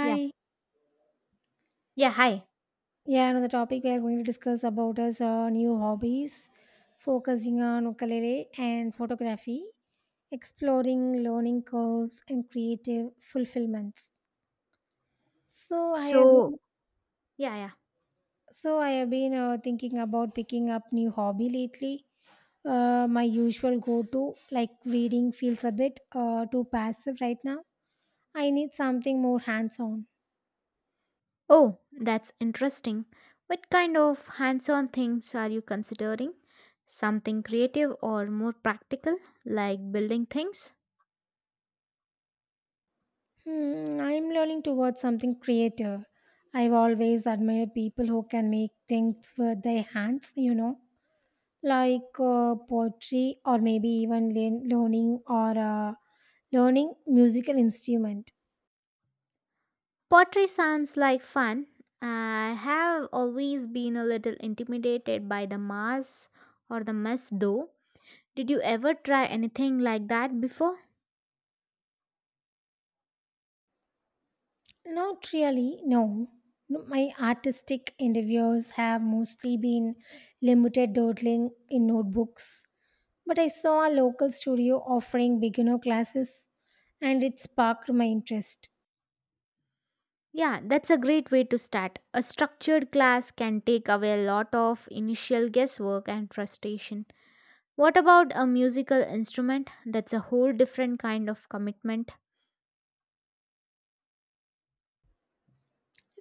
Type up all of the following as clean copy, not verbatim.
Yeah. Yeah, hi. Yeah, another topic we are going to discuss about is new hobbies, focusing on ukulele and photography, exploring learning curves and creative fulfillments. So I have So, been, yeah, yeah. so I have been thinking about picking up new hobby lately. My usual go-to, like reading, feels a bit too passive right now. I need something more hands-on. Oh, that's interesting. What kind of hands-on things are you considering? Something creative or more practical, like building things? Hmm, I'm learning towards something creative. I've always admired people who can make things with their hands, you know, like poetry or maybe even learning or learning musical instrument. Pottery sounds like fun. I have always been a little intimidated by the mass or the mess though. Did you ever try anything like that before? Not really, no. No, my artistic endeavors have mostly been limited dawdling in notebooks. But I saw a local studio offering beginner classes and it sparked my interest. Yeah, that's a great way to start. A structured class can take away a lot of initial guesswork and frustration. What about a musical instrument? That's a whole different kind of commitment.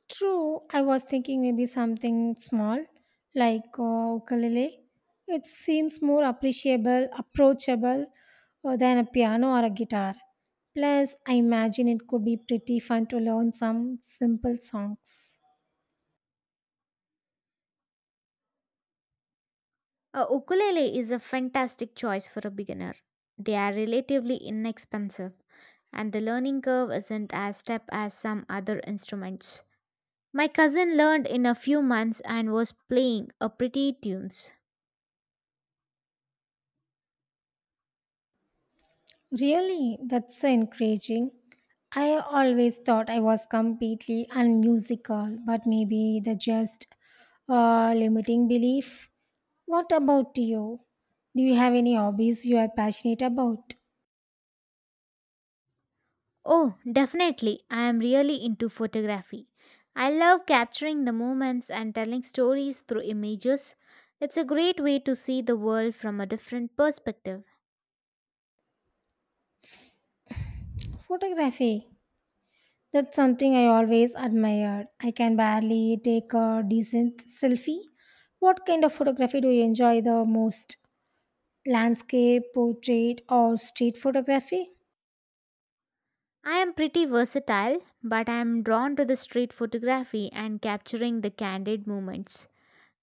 True, I was thinking maybe something small like ukulele. It seems more appreciable, approachable than a piano or a guitar. Plus, I imagine it could be pretty fun to learn some simple songs. A ukulele is a fantastic choice for a beginner. They are relatively inexpensive, and the learning curve isn't as steep as some other instruments. My cousin learned in a few months and was playing a pretty tunes. Really, that's so encouraging. I always thought I was completely unmusical, but maybe the just limiting belief. What about you? Do you have any hobbies you are passionate about? Oh, definitely, I am really into photography. I love capturing the moments and telling stories through images. It's a great way to see the world from a different perspective. Photography. That's something I always admired. I can barely take a decent selfie. What kind of photography do you enjoy the most? Landscape, portrait, or street photography? I am pretty versatile, but I am drawn to the street photography and capturing the candid moments.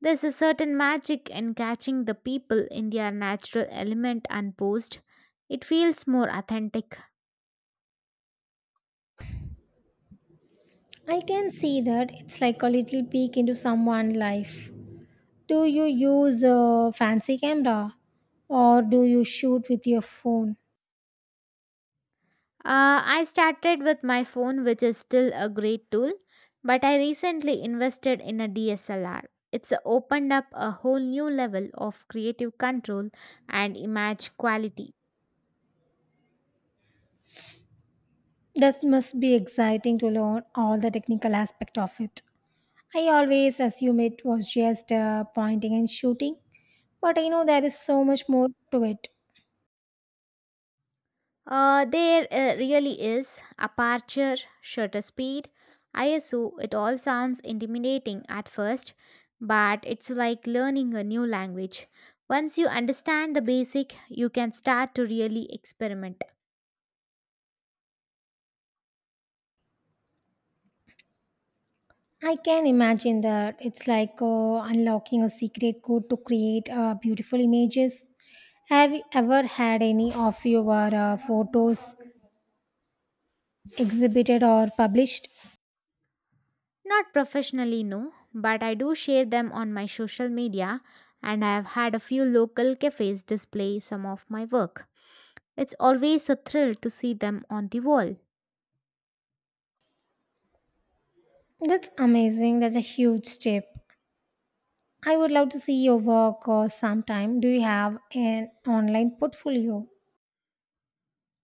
There's a certain magic in catching the people in their natural element unposed. It feels more authentic. I can see that it's like a little peek into someone's life. Do you use a fancy camera or do you shoot with your phone? I started with my phone, which is still a great tool, but I recently invested in a DSLR. It's opened up a whole new level of creative control and image quality. That must be exciting to learn all the technical aspect of it. I always assume it was just pointing and shooting, but I know there is so much more to it. There really is aperture, shutter speed, ISO. It all sounds intimidating at first, but it's like learning a new language. Once you understand the basic, you can start to really experiment. I can imagine that it's like unlocking a secret code to create beautiful images. Have you ever had any of your photos exhibited or published? Not professionally, no, but I do share them on my social media, and I have had a few local cafes display some of my work. It's always a thrill to see them on the wall. That's amazing. That's a huge step. I would love to see your work sometime. Do you have an online portfolio?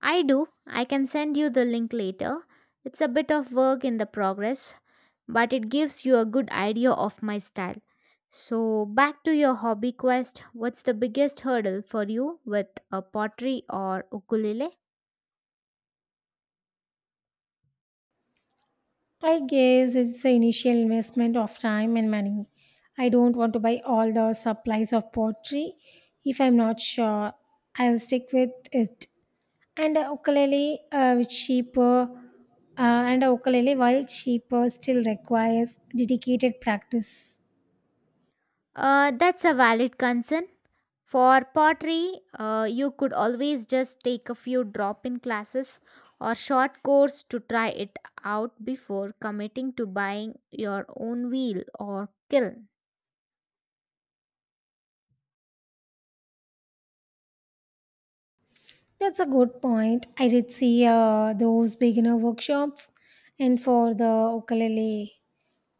I do. I can send you the link later. It's a bit of work in the progress, but it gives you a good idea of my style. So, back to your hobby quest. What's the biggest hurdle for you with a pottery or ukulele? I guess it's the initial investment of time and money. I don't want to buy all the supplies of pottery. If I'm not sure, I'll stick with it. And a ukulele, which cheaper, and a ukulele, while cheaper, still requires dedicated practice. That's a valid concern. For pottery, you could always just take a few drop in classes or short course to try it out before committing to buying your own wheel or kiln. That's a good point. I did see those beginner workshops, and for the ukulele,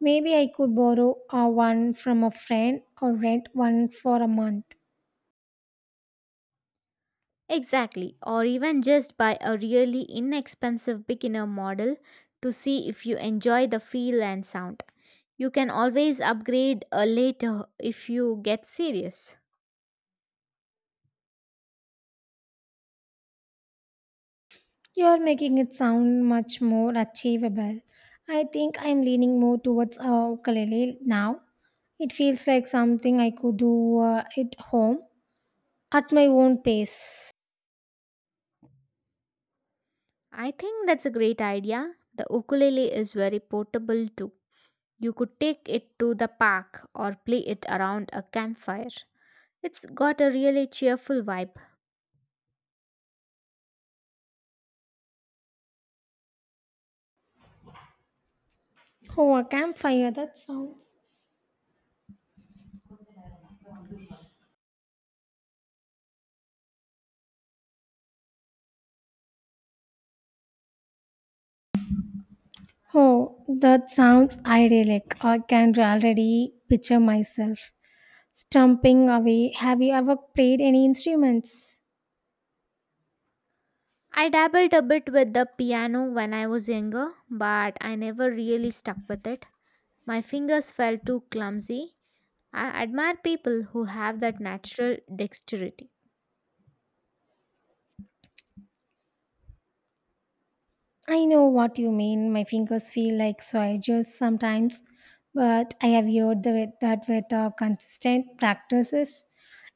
maybe I could borrow one from a friend or rent one for a month. Exactly, or even just buy a really inexpensive beginner model to see if you enjoy the feel and sound. You can always upgrade later if you get serious. You're making it sound much more achievable. I think I'm leaning more towards a ukulele now. It feels like something I could do at home at my own pace. I think that's a great idea. The ukulele is very portable too. You could take it to the park or play it around a campfire. It's got a really cheerful vibe. Oh, a campfire, that sounds oh, that sounds idyllic. I can already picture myself stumping away. Have you ever played any instruments? I dabbled a bit with the piano when I was younger, but I never really stuck with it. My fingers felt too clumsy. I admire people who have that natural dexterity. I know what you mean. My fingers feel like soldiers sometimes, but I have heard that with consistent practices,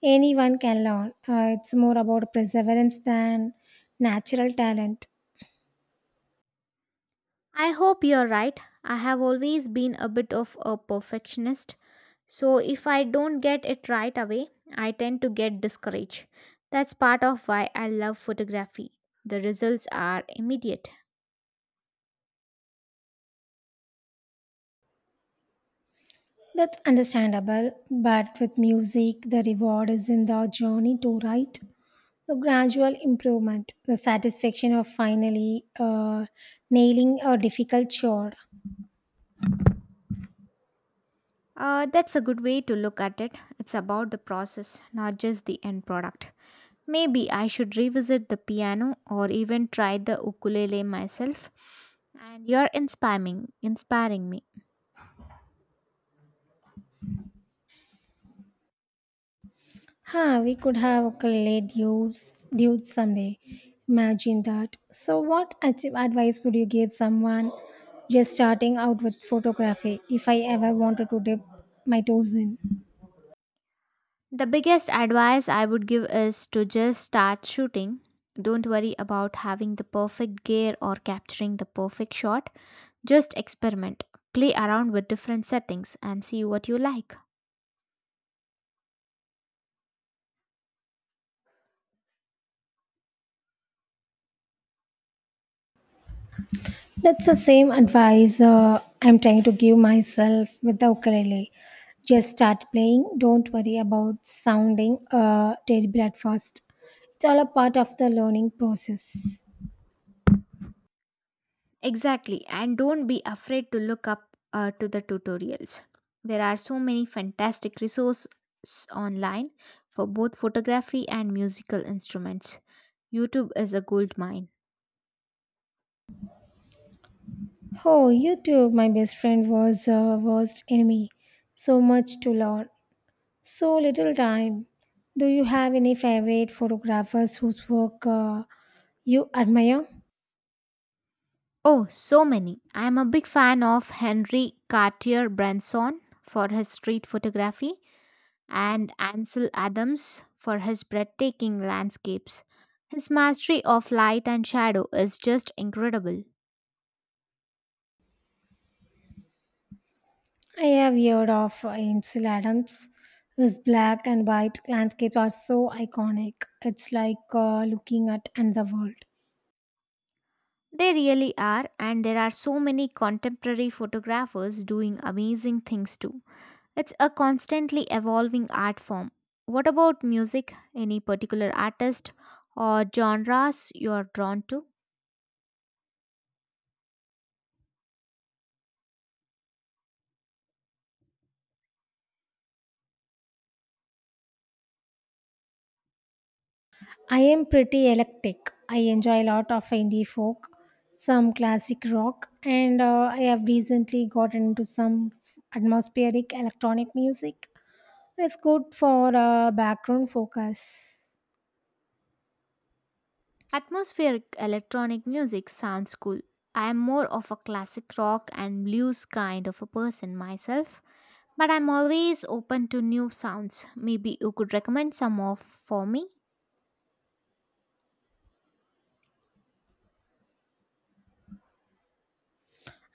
anyone can learn. It's more about perseverance than natural talent. I hope you're right. I have always been a bit of a perfectionist, so if I don't get it right away, I tend to get discouraged. That's part of why I love photography. The results are immediate. That's understandable, but with music, the reward is in the journey to write, the gradual improvement, the satisfaction of finally nailing a difficult chore. That's a good way to look at it. It's about the process, not just the end product. Maybe I should revisit the piano or even try the ukulele myself. And you're inspiring me. Ha, we could have ukulele dudes someday. Imagine that. So, what advice would you give someone just starting out with photography if I ever wanted to dip my toes in? The biggest advice I would give is to just start shooting. Don't worry about having the perfect gear or capturing the perfect shot. Just experiment. Play around with different settings and see what you like. That's the same advice I'm trying to give myself with the ukulele. Just start playing. Don't worry about sounding terrible at first. It's all a part of the learning process. Exactly, and don't be afraid to look up to the tutorials. There are so many fantastic resources online for both photography and musical instruments. YouTube is a gold mine. Oh, you too. My best friend was worst enemy. So much to learn. So little time. Do you have any favorite photographers whose work you admire? Oh, so many. I am a big fan of Henry Cartier Bresson for his street photography and Ansel Adams for his breathtaking landscapes. His mastery of light and shadow is just incredible. I have heard of Ansel Adams, whose black and white landscapes are so iconic. It's like looking at another world. They really are, and there are so many contemporary photographers doing amazing things too. It's a constantly evolving art form. What about music? Any particular artist or genres you are drawn to? I am pretty eclectic. I enjoy a lot of indie folk, some classic rock, and I have recently gotten into some atmospheric electronic music. It's good for background focus. Atmospheric electronic music sounds cool. I am more of a classic rock and blues kind of a person myself, but I'm always open to new sounds. Maybe you could recommend some of for me?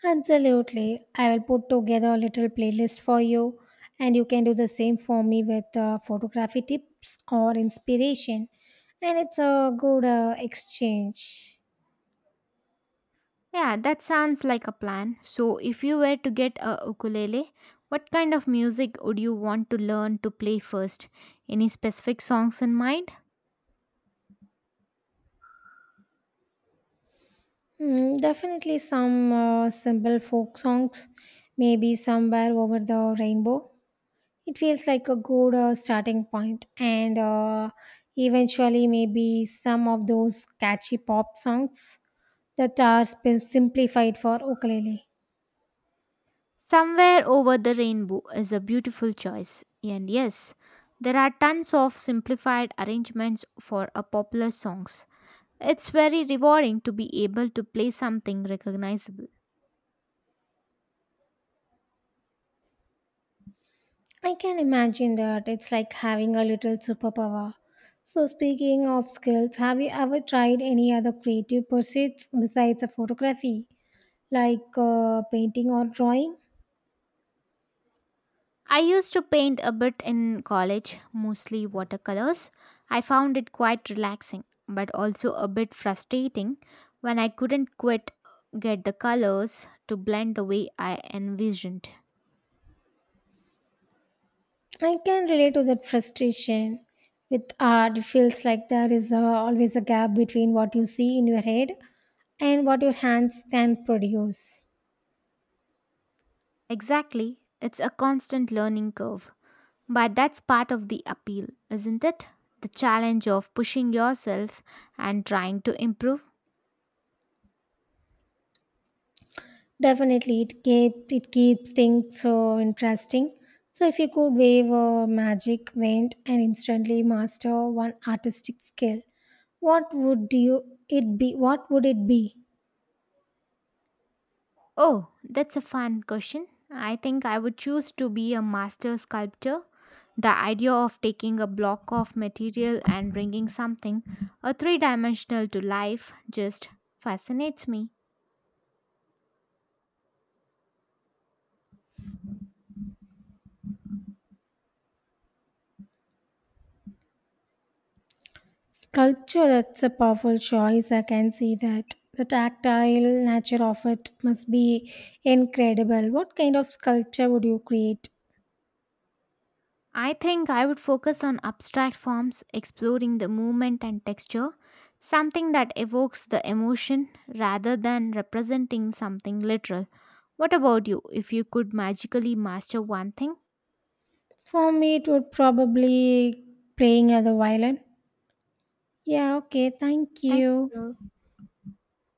Absolutely. I will put together a little playlist for you, and you can do the same for me with photography tips or inspiration. And it's a good exchange. Yeah, that sounds like a plan. So, if you were to get a ukulele, what kind of music would you want to learn to play first? Any specific songs in mind? Hmm, definitely some simple folk songs, maybe somewhere over the rainbow. It feels like a good starting point, and eventually, maybe some of those catchy pop songs that are simplified for ukulele. Somewhere over the rainbow is a beautiful choice, and yes, there are tons of simplified arrangements for a popular songs. It's very rewarding to be able to play something recognizable. I can imagine that it's like having a little superpower. So, speaking of skills, have you ever tried any other creative pursuits besides a photography, like painting or drawing? I used to paint a bit in college, mostly watercolors. I found it quite relaxing, but also a bit frustrating when I couldn't quite get the colors to blend the way I envisioned. I can relate to that frustration. With art, it feels like there is always a gap between what you see in your head and what your hands can produce. Exactly, it's a constant learning curve. But that's part of the appeal, isn't it? The challenge of pushing yourself and trying to improve. Definitely, it keeps things so interesting. So if you could wave a magic wand and instantly master one artistic skill, what would you it be? What would it be? Oh, that's a fun question. I think I would choose to be a master sculptor. The idea of taking a block of material and bringing something, a three dimensional to life, just fascinates me. Sculpture. That's a powerful choice. I can see that. The tactile nature of it must be incredible. What kind of sculpture would you create? I think I would focus on abstract forms, exploring the movement and texture, something that evokes the emotion rather than representing something literal. What about you? If you could magically master one thing, For me, it would probably playing at the violin. Yeah. Okay. Thank thank you. you.